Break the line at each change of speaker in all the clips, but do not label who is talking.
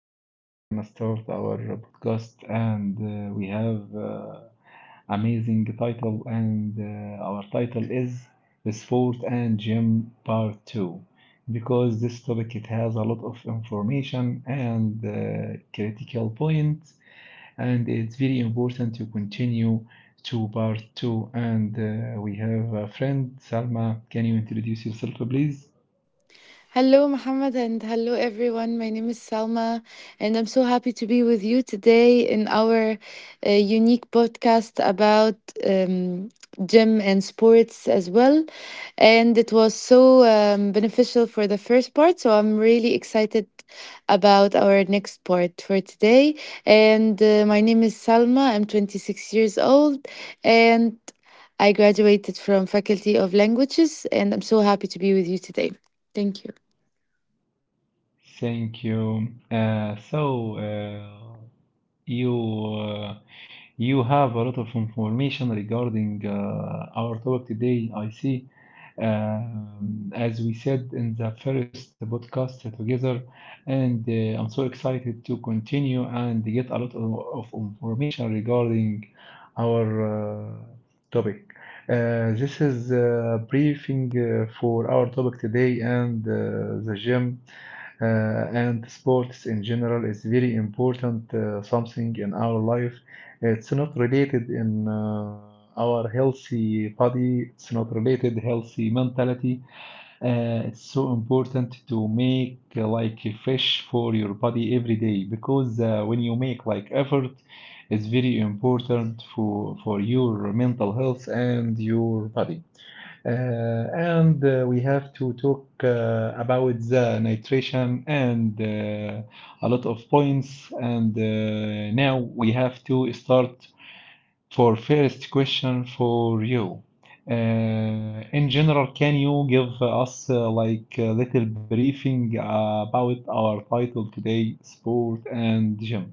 Today we're gonna start our podcast, and we have amazing title, and our title is the sport and gym part two, because this topic it has a lot of information and critical points, and it's very important to continue to part two. And we have a friend Salma. Can you introduce yourself, please?
Hello, Mohammed, and hello, everyone. My name is Salma, and I'm so happy to be with you today in our unique podcast about um, gym and sports as well. And it was so beneficial for the first part, so I'm really excited about our next part for today. And my name is Salma, I'm 26 years old, and I graduated from Faculty of Languages, and I'm so happy to be with you today. Thank you.
Thank you. So you you have a lot of information regarding our topic today, I see. As we said in the first podcast together, and I'm so excited to continue and get a lot of information regarding our uh, topic. This is a briefing for our topic today, and the gym and sports in general is very important something in our life. It's not related in our healthy body. It's not related healthy mentality. It's so important to make like fresh for your body every day because when you make like effort, it's very important for your mental health and your body. Uh, And we have to talk about the nitration and a lot of points. And now we have to start for first question for you. In general, can you give us like a little briefing about our title today, sport and gym?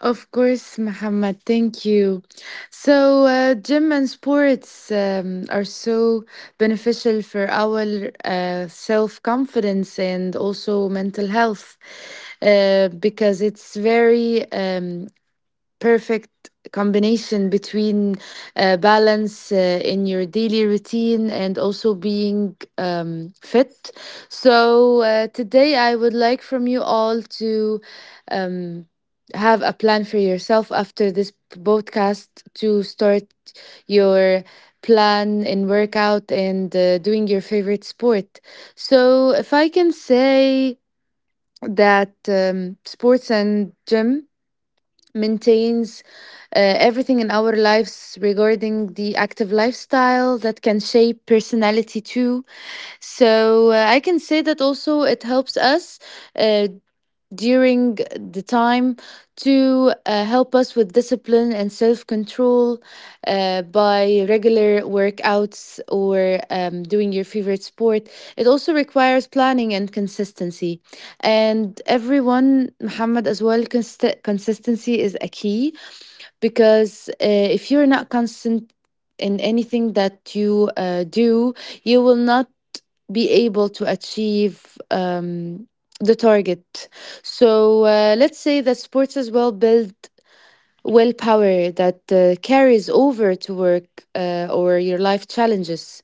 Of course, Muhammad, thank you. So, gym and sports are so beneficial for our self confidence and also mental health because it's very perfect combination between balance in your daily routine and also being fit. So, today I would like from you all to um, have a plan for yourself after this podcast to start your plan in workout and doing your favorite sport. So, if I can say that sports and gym maintains everything in our lives regarding the active lifestyle that can shape personality too. So I can say that also it helps us uh, during the time to help us with discipline and self control by regular workouts or doing your favorite sport. It also requires planning and consistency. And everyone, Muhammad, as well, consistency is a key because if you're not constant in anything that you do, you will not be able to achieve the target. So let's say that sports as well build willpower that carries over to work or your life challenges.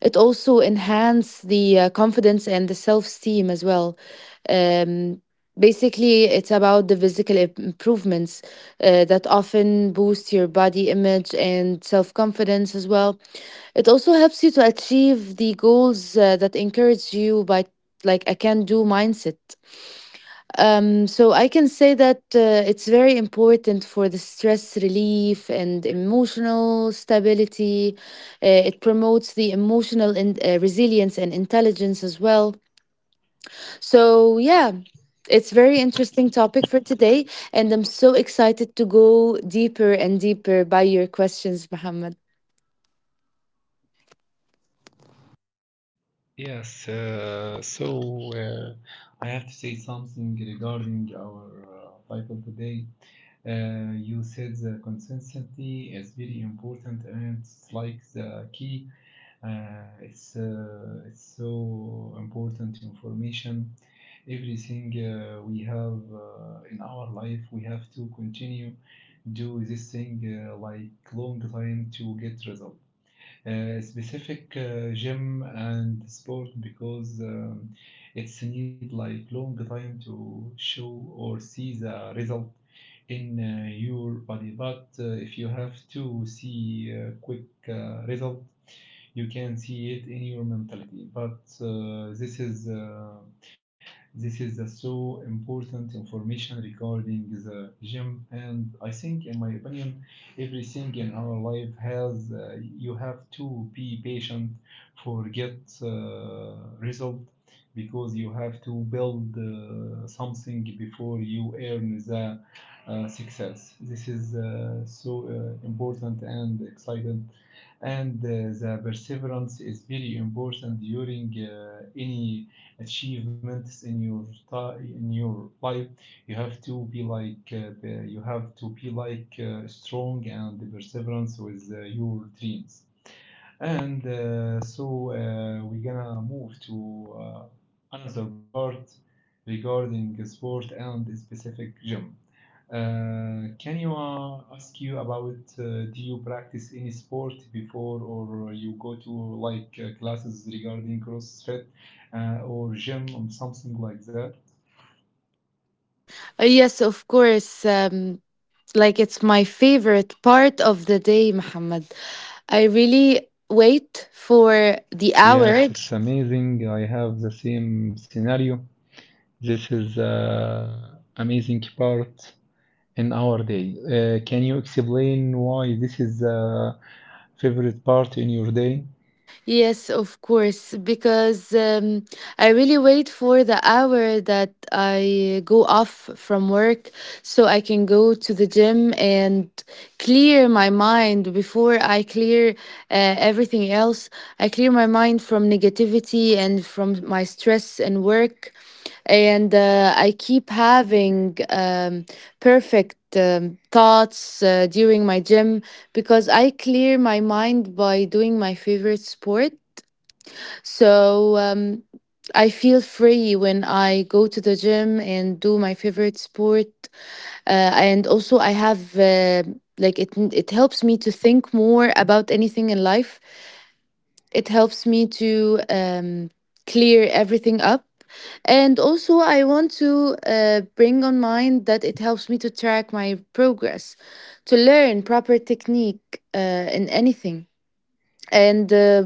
It also enhances the confidence and the self-esteem as well. Um, Basically, it's about the physical improvements that often boost your body image and self-confidence as well. It also helps you to achieve the goals that encourage you by like a can-do mindset. So I can say that it's very important for the stress relief and emotional stability. It promotes the emotional and resilience and intelligence as well. So yeah, it's very interesting topic for today, and I'm so excited to go deeper and deeper by your questions, Muhammad.
Yes, so I have to say something regarding our title today. You said the consistency is very important and it's like the key. It's so important information. Everything we have in our life, we have to continue do this thing like long time to get result, specific gym and sport, because it's need like long time to show or see the result in your body, but if you have to see quick result you can see it in your mentality, but this is the so important information regarding the gym, and I think, in my opinion, everything in our life has you have to be patient for get result, because you have to build something before you earn the success. This is so important and exciting, and the perseverance is very important during any achievements in your life. You have to be like strong and perseverance with your dreams. And so we're gonna move to another part regarding sport and a specific gym. Can you ask you about do you practice any sport before, or you go to like classes regarding CrossFit or gym or something like that?
Yes, of course. Like it's my favorite part of the day, Muhammad. I really wait for the
Yes,
hour.
it's amazing. I have the same scenario. This is amazing part in our day. Can you explain why this is favorite part in your day?
Yes, of course, because I really wait for the hour that I go off from work so I can go to the gym and clear my mind before I clear everything else. I clear my mind from negativity and from my stress and work and I keep having perfect thoughts during my gym because I clear my mind by doing my favorite sport. So I feel free when I go to the gym and do my favorite sport, and also I have. Like it helps me to think more about anything in life, it helps me to clear everything up. And also, I want to bring on mind that it helps me to track my progress, to learn proper technique in anything. And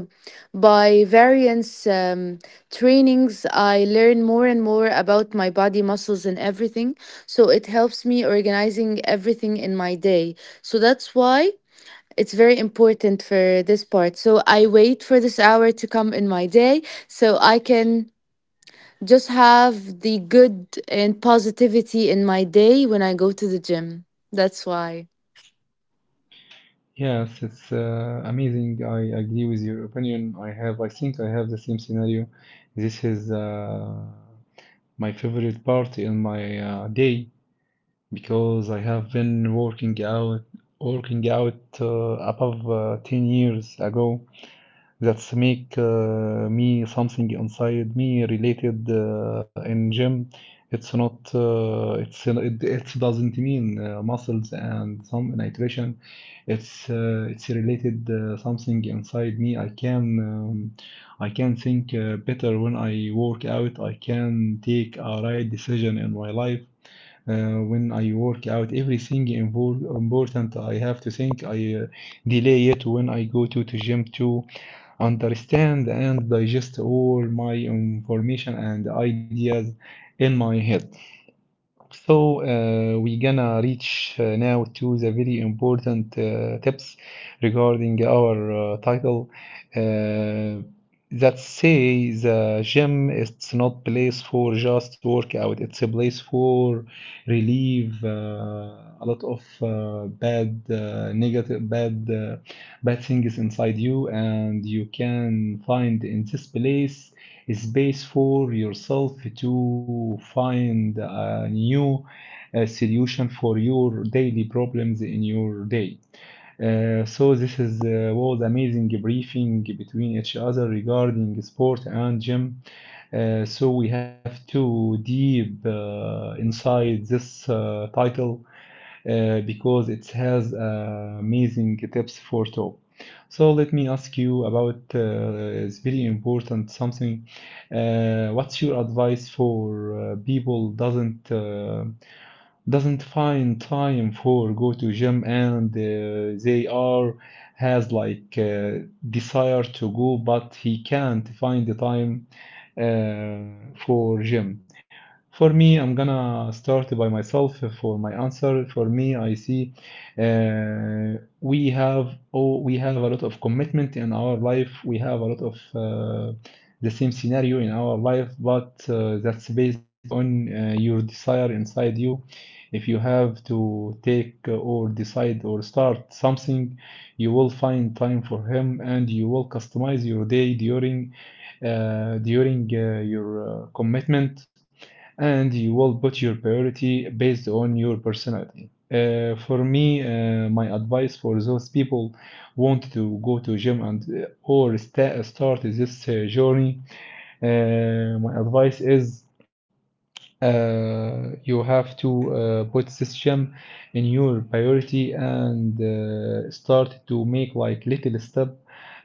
by variance trainings, I learn more and more about my body muscles and everything. So it helps me organizing everything in my day. So that's why it's very important for this part. So I wait for this hour to come in my day so I can just have the good and positivity in my day when I go to the gym. That's why.
Yes, it's amazing. I agree with your opinion. I think I have the same scenario. This is my favorite part in my day, because I have been working out, working out above 10 years ago. That's make me something inside me related in gym. It's not it's it, it doesn't mean muscles and some nutrition. It's related something inside me. I can um, I can think better when I work out. I can take a right decision in my life. When I work out, everything important I have to think, I delay it when I go to gym to understand and digest all my information and ideas in my head. So, we gonna reach now to the very important tips regarding our title. Uh, that say the gym it's not place for just workout. It's a place for relieve a lot of bad negative bad bad things inside you, and you can find in this place space for yourself to find a new solution for your daily problems in your day. So this is was amazing briefing between each other regarding sport and gym. So we have two deep inside this title because it has amazing tips for top. So let me ask you about it's very important something. What's your advice for people doesn't find time for go to gym, and they are has like desire to go but he can't find the time for gym? For me, I'm gonna start by myself for my answer. For me, I see uh, we have oh, we have a lot of commitment in our life. We have a lot of the same scenario in our life, but that's based on your desire inside you. If you have to take or decide or start something, you will find time for him, and you will customize your day during your commitment, and you will put your priority based on your personality. For me, my advice for those people want to go to gym and or start this journey, my advice is you have to put system in your priority and start to make like little step,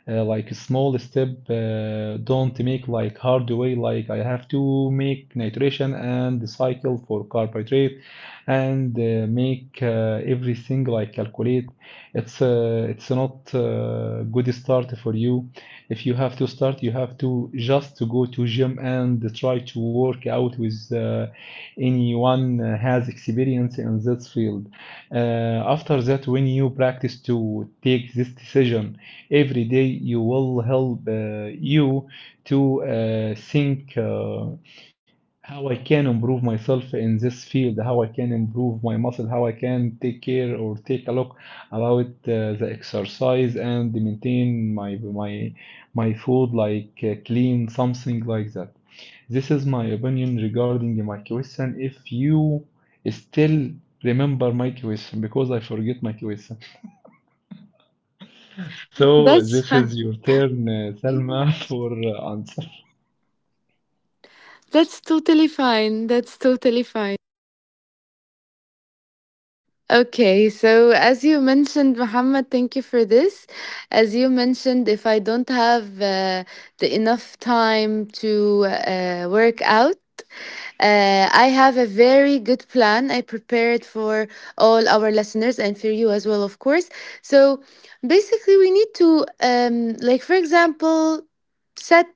like small step. Don't make like hard way. Like I have to make nitration and the cycle for carbohydrate, and make everything like calculate. It's not good start for you. If you have to start, you have to just to go to gym and try to work out with anyone has experience in this field. After that, when you practice to take this decision every day, you will help you to think how I can improve myself in this field, how I can improve my muscle, how I can take care or take a look about the exercise and maintain my food like clean, something like that. This is my opinion regarding my question, if you still remember my question, because I forget my question. So
That's
this is your turn, Salma, for answer.
That's totally fine. Okay, so as you mentioned, Muhammad, thank you for this. As you mentioned, if I don't have the enough time to work out, I have a very good plan I prepared for all our listeners and for you as well, of course. So basically, we need to, like, for example, set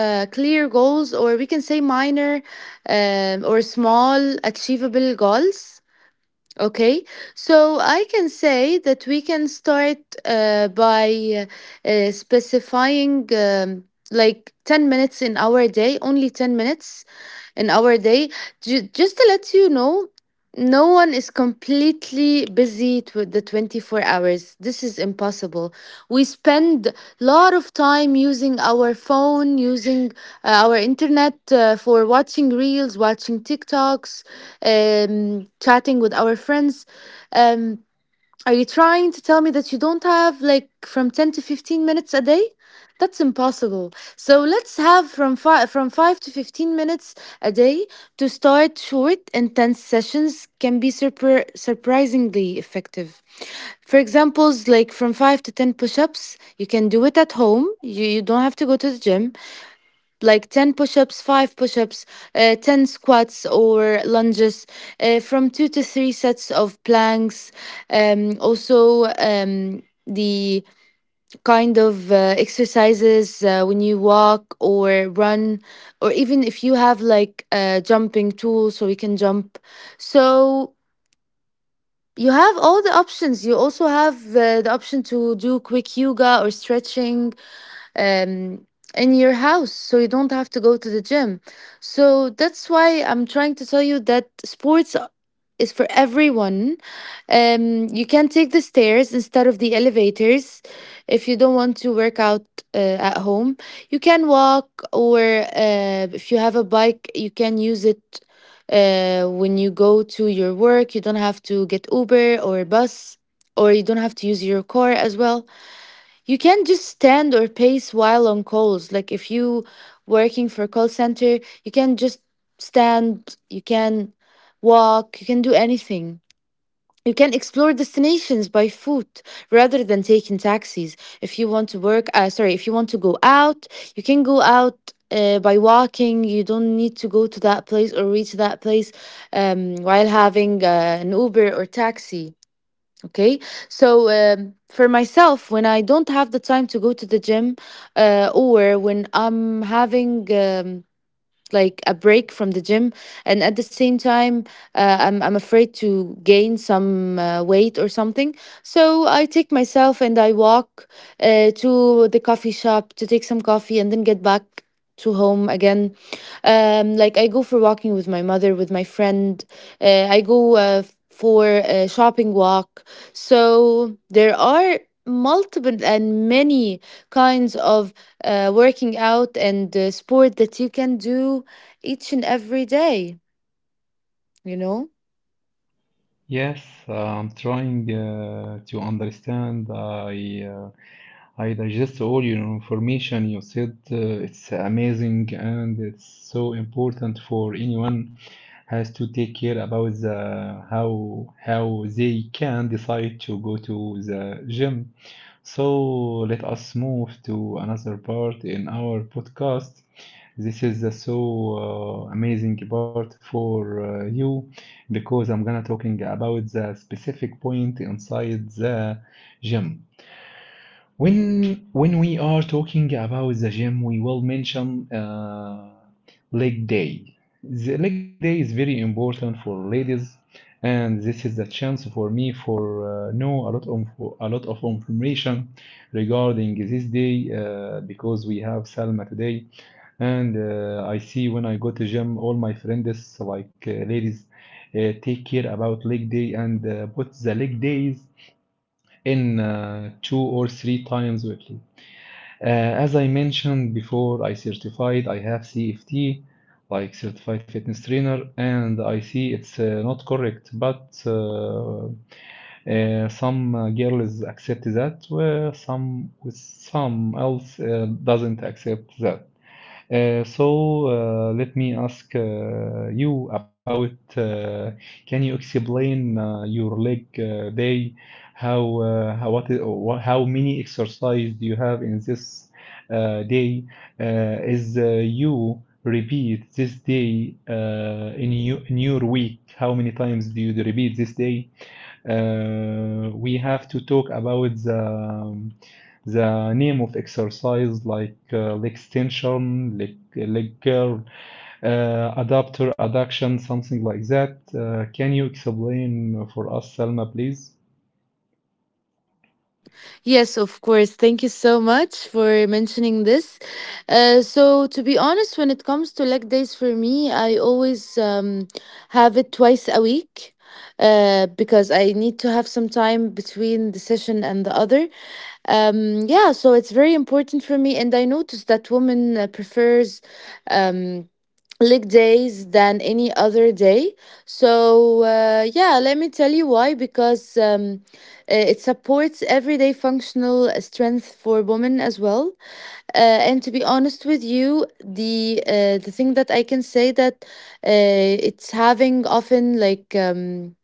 clear goals, or we can say minor or small achievable goals. Okay, so I can say that we can start by specifying like 10 minutes in our day, only 10 minutes in our day. Just to let you know, no one is completely busy with the 24 hours. This is impossible. We spend a lot of time using our phone, using our internet for watching reels, watching TikToks, chatting with our friends. Um, are you trying to tell me that you don't have like from 10 to 15 minutes a day? That's impossible. So let's have from 5 to 15 minutes a day to start short intense sessions can be surprisingly effective. For examples like from 5 to 10 push-ups, you can do it at home. You don't have to go to the gym like 10 push ups, 5 push ups, 10 squats or lunges, from two to three sets of planks. Also, the kind of exercises when you walk or run, or even if you have like a jumping tool so you can jump. So you have all the options. You also have the option to do quick yoga or stretching um, in your house so you don't have to go to the gym. So that's why I'm trying to tell you that sports is for everyone. You can take the stairs instead of the elevators if you don't want to work out at home. You can walk, or if you have a bike, you can use it. When you go to your work, you don't have to get Uber or bus, or you don't have to use your car as well. You can just stand or pace while on calls, like if you working for call center, you can just stand, you can walk, you can do anything, you can explore destinations by foot rather than taking taxis. If you want to work, sorry, if you want to go out, you can go out by walking. You don't need to go to that place or reach that place while having an Uber or taxi. Okay, so for myself, when I don't have the time to go to the gym, or when I'm having like a break from the gym and at the same time, I'm afraid to gain some weight or something, so I take myself and I walk to the coffee shop to take some coffee and then get back to home again. Like I go for walking with my mother, with my friend, I go for a shopping walk. So there are multiple and many kinds of working out and sport that you can do each and every day, you know?
Yes, I'm trying to understand. I digest all your information. You said it's amazing and it's so important for anyone has to take care about the how they can decide to go to the gym. So let us move to another part in our podcast. This is a so amazing part for you, because I'm gonna talking about the specific point inside the gym. When we are talking about the gym, we will mention leg day. The leg day is very important for ladies, and this is the chance for me for know a lot of information regarding this day, because we have Salma today, and I see when I go to gym, all my friends like ladies take care about leg day and put the leg days in two or three times weekly. As I mentioned before, I certified, I have CFT, like certified fitness trainer, and I see it's not correct, but some girls accept that, where some else doesn't accept that. So let me ask you about uh, can you explain your leg day? How, what, I- wha- how many exercise do you have in this day? Is you repeat this day in your week? How many times do you repeat this day? We have to talk about the name of exercise like leg extension, leg curl, adapter, adduction, something like that. Can you explain for us, Salma, please?
Yes, of course. Thank you so much for mentioning this. So, to be honest, when it comes to leg days for me, I always have it twice a week because I need to have some time between the session and the other. Yeah, so it's very important for me. And I noticed that women prefers um, leg days than any other day. So, yeah, let me tell you why because it supports everyday functional strength for women as well. Uh, and to be honest with you, the thing that I can say that it's having often like. Um,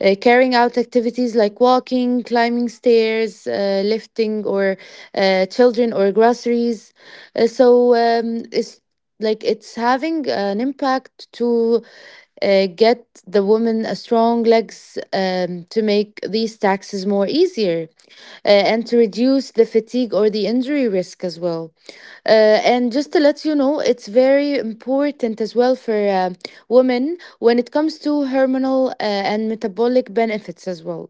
uh, Carrying out activities like walking, climbing stairs, lifting, or children or groceries. So it's like it's having an impact to get the woman a strong legs to make these taxes more easier and to reduce the fatigue or the injury risk as well. Uh, and just to let you know, it's very important as well for women when it comes to hormonal and metabolic benefits as well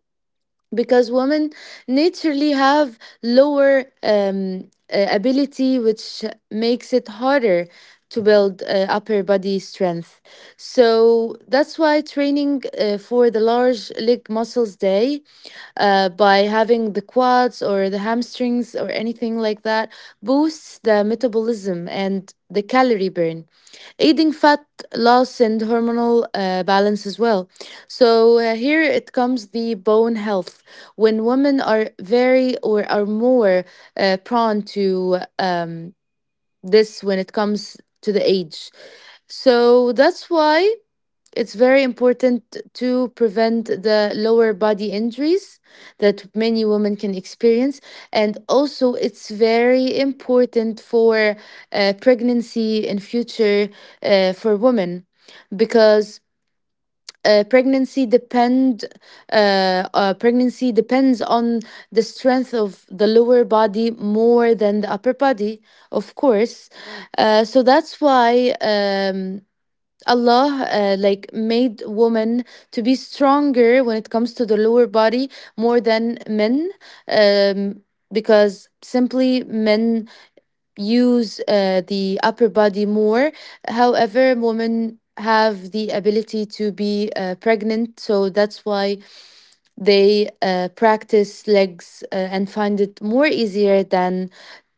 because women naturally have lower ability, which makes it harder to build upper body strength. So that's why training for the large leg muscles day by having the quads or the hamstrings or anything like that boosts the metabolism and the calorie burn, aiding fat loss and hormonal balance as well. So here it comes the bone health. When women are very or are more prone to this when it comes to the age. So that's why it's very important to prevent the lower body injuries that many women can experience. And also, it's very important for pregnancy in future for women because uh, pregnancy depend pregnancy depends on the strength of the lower body more than the upper body, of course. So that's why Allah like made women to be stronger when it comes to the lower body more than men, um, because simply men use the upper body more. However, women have the ability to be pregnant, so that's why they practice legs and find it more easier than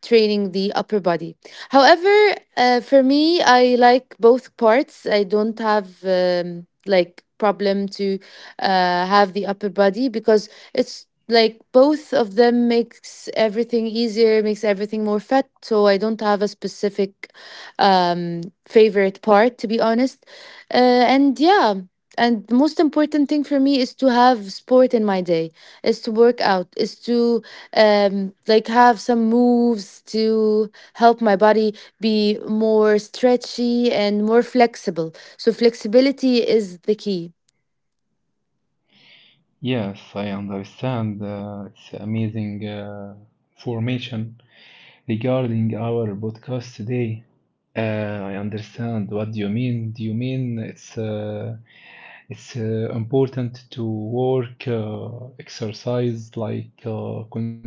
training the upper body. However, for me, I like both parts. I don't have like problem to have the upper body because it's like both of them makes everything easier, makes everything more fat. So I don't have a specific favorite part, to be honest. Uh, and and the most important thing for me is to have sport in my day, is to work out, is to like have some moves to help my body be more stretchy and more flexible, so flexibility is the key.
Yes, I understand. It's amazing formation regarding our podcast today. I understand what you mean. Do you mean it's important to work, exercise, like con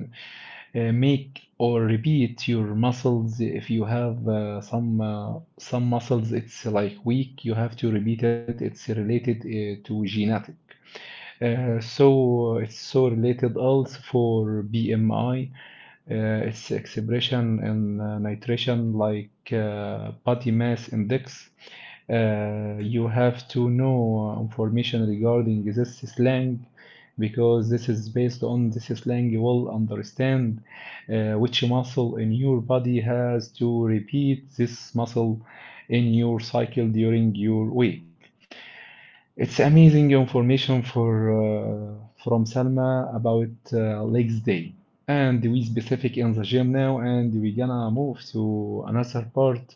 make or repeat your muscles? If you have some muscles, it's like weak, you have to repeat it. It's related to genetic. So it's so related also for BMI. Its expression in nitration like body mass index. You have to know information regarding this slang, because this is based on this slang you will understand which muscle in your body has to repeat this muscle in your cycle during your week. It's amazing information for from Salma about legs day. And we specific in the gym now, and we gonna move to another part.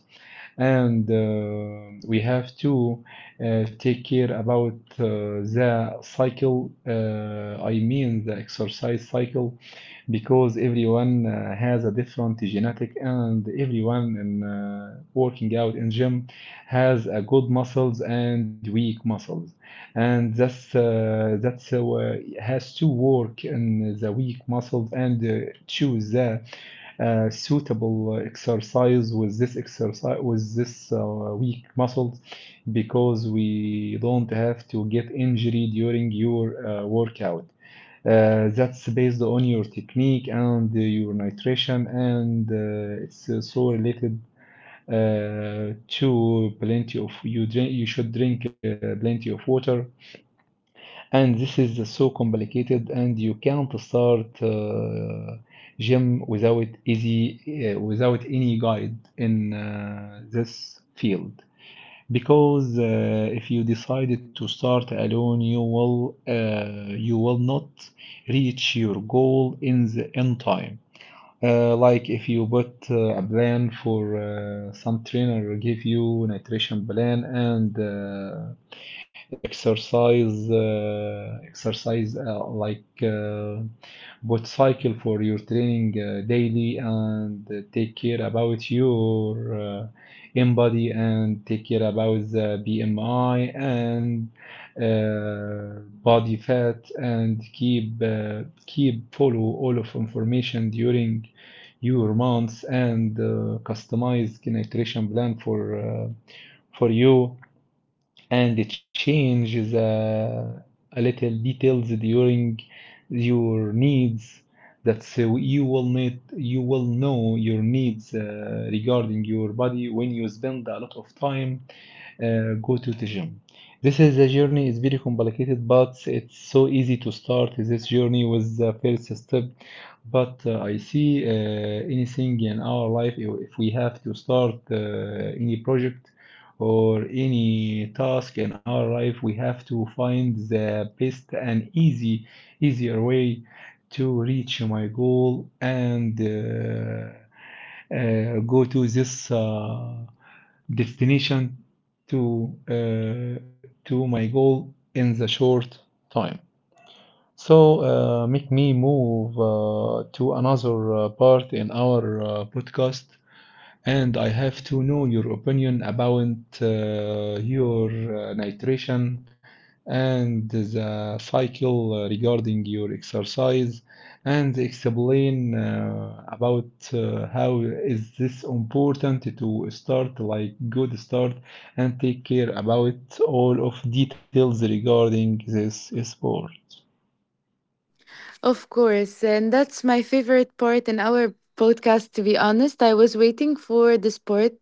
And we have to take care about uh, the cycle. I mean the exercise cycle, because everyone has a different genetic, and everyone in working out in gym has a good muscles and weak muscles and that's has to work in the weak muscles and choose the suitable exercise with this exercise with this weak muscles because we don't have to get injury during your workout. Uh, that's based on your technique and your nutrition and it's so related to plenty of you drink you should drink plenty of water. And this is so complicated and you can't start gym without easy, without any guide in this field, because if you decided to start alone you will not reach your goal in the in time, like if you put a plan for some trainer give you nutrition plan and exercise like both cycle for your training daily and take care about your in body and take care about the BMI and body fat and keep follow all of information during your months and customize an iteration plan for you and change the a little details during your needs. That's so you will need, you will know your needs regarding your body when you spend a lot of time go to the gym. This is a journey is very complicated but it's so easy to start this journey with the first step. But I see anything in our life, if we have to start any project or any task in our life, we have to find the best and easy, easier way to reach my goal and go to this destination, to my goal in the short time. So make me move to another part in our podcast. And I have to know your opinion about your nutrition and the cycle regarding your exercise, and explain about how is this important to start like good start and take care about all of details regarding this sport.
Of course, and that's my favorite part in our podcast, to be honest. I was waiting for this part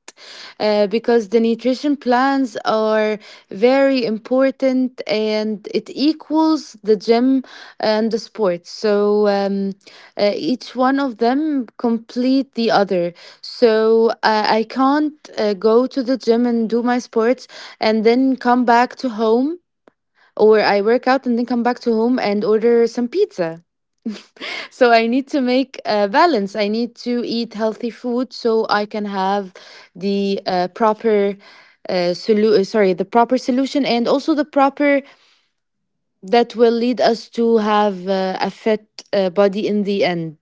because the nutrition plans are very important and it equals the gym and the sports. So each one of them complete the other. So I can't go to the gym and do my sports and then come back to home, or I work out and then come back to home and order some pizza, so I need to make a balance. I need to eat healthy food so I can have the proper sorry, the proper solution, and also the proper that will lead us to have a fit body in the end.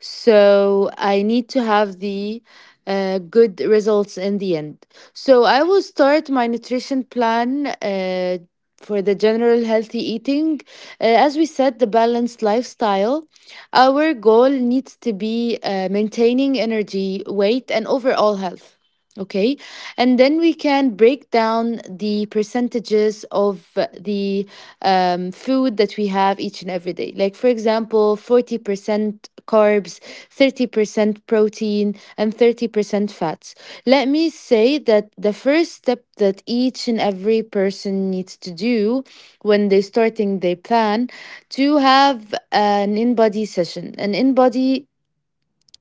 So I need to have the good results in the end. So I will start my nutrition plan. For the general healthy eating, as we said, the balanced lifestyle, our goal needs to be maintaining energy, weight, and overall health. Okay, and then we can break down the percentages of the food that we have each and every day. Like, for example, 40% carbs, 30% protein, and 30% fats. Let me say that the first step that each and every person needs to do when they starting their plan to have an in body session. An in body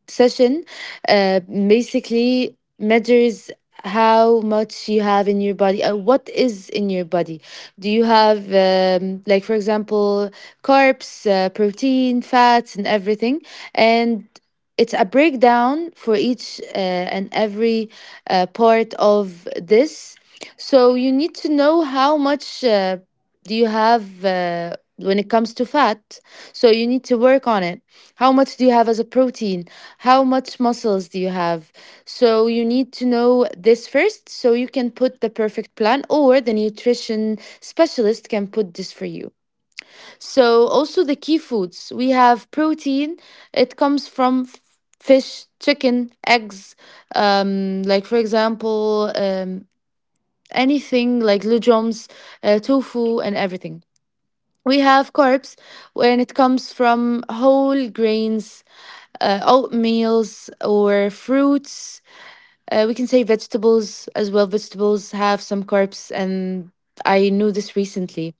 session basically measures how much you have in your body, what is in your body. Do you have, like for example, carbs protein fats and everything and it's a breakdown for each and every part of this so you need to know how much do you have when it comes to fat so you need to work on it how much do you have as a protein how much muscles do you have so you need to know this first so you can put the perfect plan or the nutrition specialist can put this for you so also the key foods we have protein it comes from f- fish chicken eggs like for example anything like legumes, tofu, and everything. We have carbs when it comes from whole grains, oatmeals, or fruits. We can say vegetables as well. Vegetables have some carbs, and I knew this recently.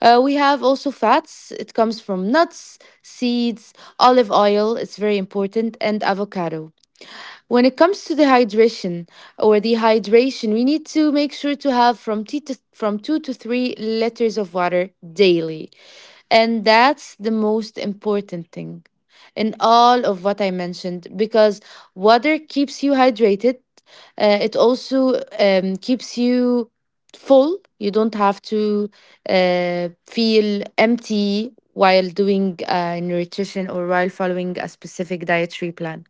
We have also fats. It comes from nuts, seeds, olive oil, it's very important, and avocado. When it comes to the hydration or dehydration, we need to make sure to have from, tea to, from 2 to 3 liters of water daily. And that's the most important thing in all of what I mentioned because water keeps you hydrated. It also keeps you full. You don't have to feel empty while doing nutrition or while following a specific dietary plan.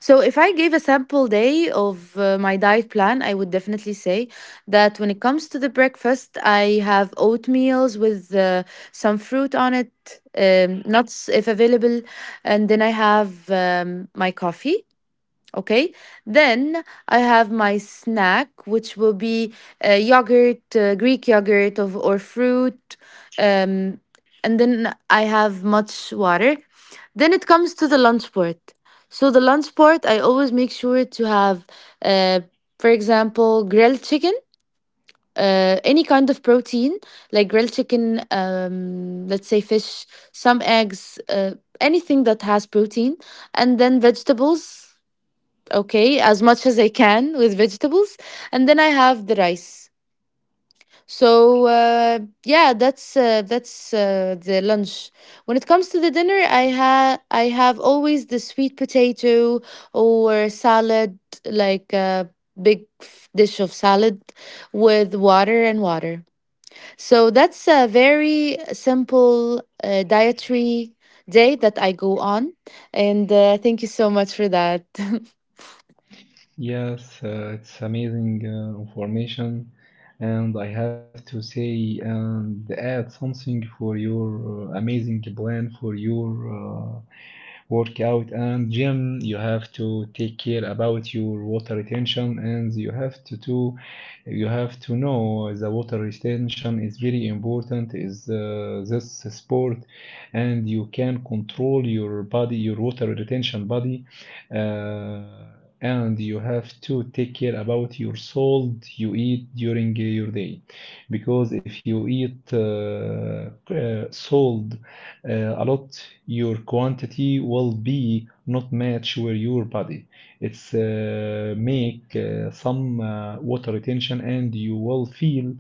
So, if I gave a sample day of my diet plan, I would definitely say that when it comes to the breakfast, I have oatmeals with some fruit on it, nuts if available, and then I have my coffee. Okay, then I have my snack, which will be yogurt, Greek yogurt, of, or fruit. Um, and then I have much water. Then it comes to the lunch part. So, the lunch part, I always make sure to have, uh, for example, grilled chicken, any kind of protein, like grilled chicken, let's say fish, some eggs, anything that has protein, and then vegetables, okay, as much as I can with vegetables, and then I have the rice. So that's the lunch. When it comes to the dinner, I have always the sweet potato or salad, like a dish of salad with water and water. So that's a very simple dietary day that I go on, and thank you so much for that.
Yes, it's amazing information, and I have to say and add something for your amazing plan for your workout and gym. You have to take care about your water retention, and you have to do, you have to know the water retention is very important. Is this sport, and you can control your body, your water retention body. Uh, and you have to take care about your salt you eat during your day, because if you eat salt uh, a lot, your quantity will be not match with your body. It's make some water retention, and you will feel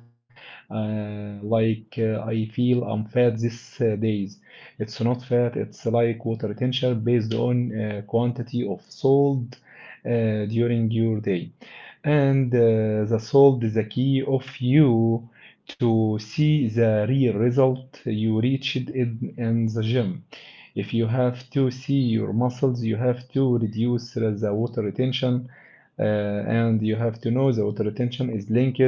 like I feel I'm fat these days. It's not fat. It's like water retention based on quantity of salt during your day. And the salt is the key of you to see the real result you reached in the gym. If you have to see your muscles, you have to reduce the water retention, and you have to know the water retention is linked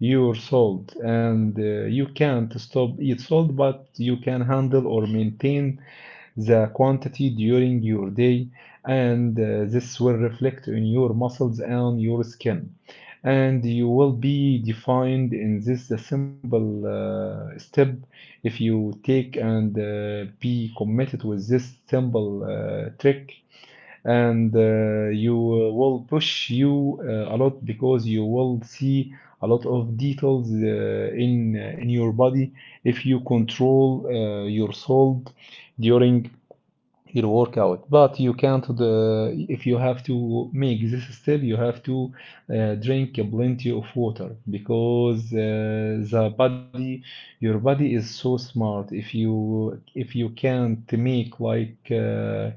your salt, and you can't stop eat salt, but you can handle or maintain the quantity during your day, and this will reflect in your muscles and your skin. And you will be defined in this simple step if you take and be committed with this simple trick. And you will push you a lot because you will see a lot of details in your body if you control your salt during your workout. But you can't the if you have to make this step you have to drink plenty of water, because the body your body is so smart, if you can't make like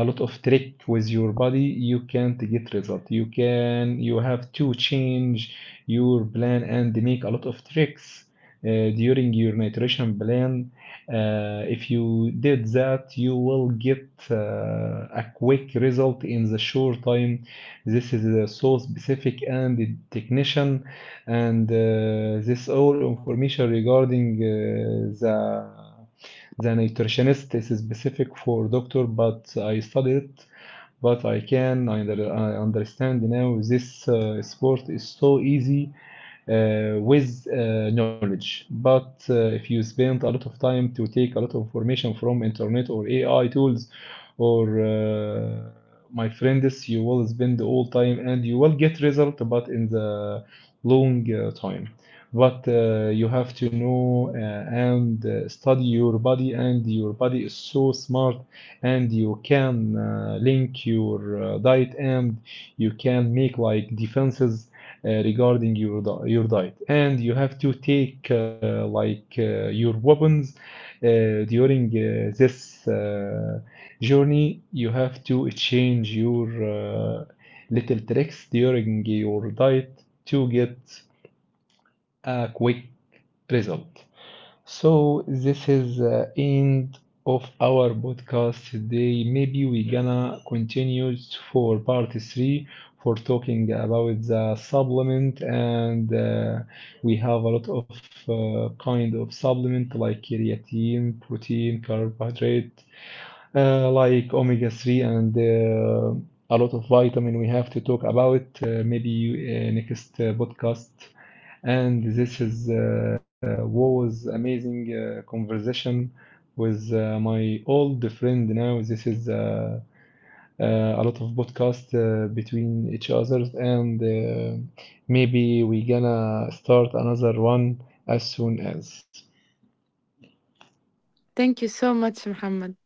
a lot of trick with your body you can't get result you can, you have to change your plan and make a lot of tricks during your nutrition plan. Uh, if you did that, you will get a quick result in the short time. This is so specific and technician, and this all information regarding the the nutritionist is specific for doctor, but I studied it. But I can under, I understand now this sport is so easy with knowledge. But if you spend a lot of time to take a lot of information from internet or AI tools or my friends, you will spend all time and you will get result, but in the long time. But you have to know and study your body, and your body is so smart, and you can link your diet, and you can make like defenses regarding your diet, and you have to take like your weapons during this journey. You have to change your little tricks during your diet to get a quick result. So this is the end of our podcast today. Maybe we gonna continue for part 3, for talking about the supplement, and we have a lot of kind of supplement like creatine, protein, carbohydrate, like omega 3 and a lot of vitamin we have to talk about. Maybe next podcast. And this is was amazing conversation with my old friend now. This is a lot of podcast between each others, and maybe we gonna start another one as soon as.
Thank you so much, Muhammad.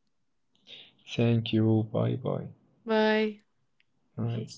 Thank you. Bye bye.
Bye.
Bye.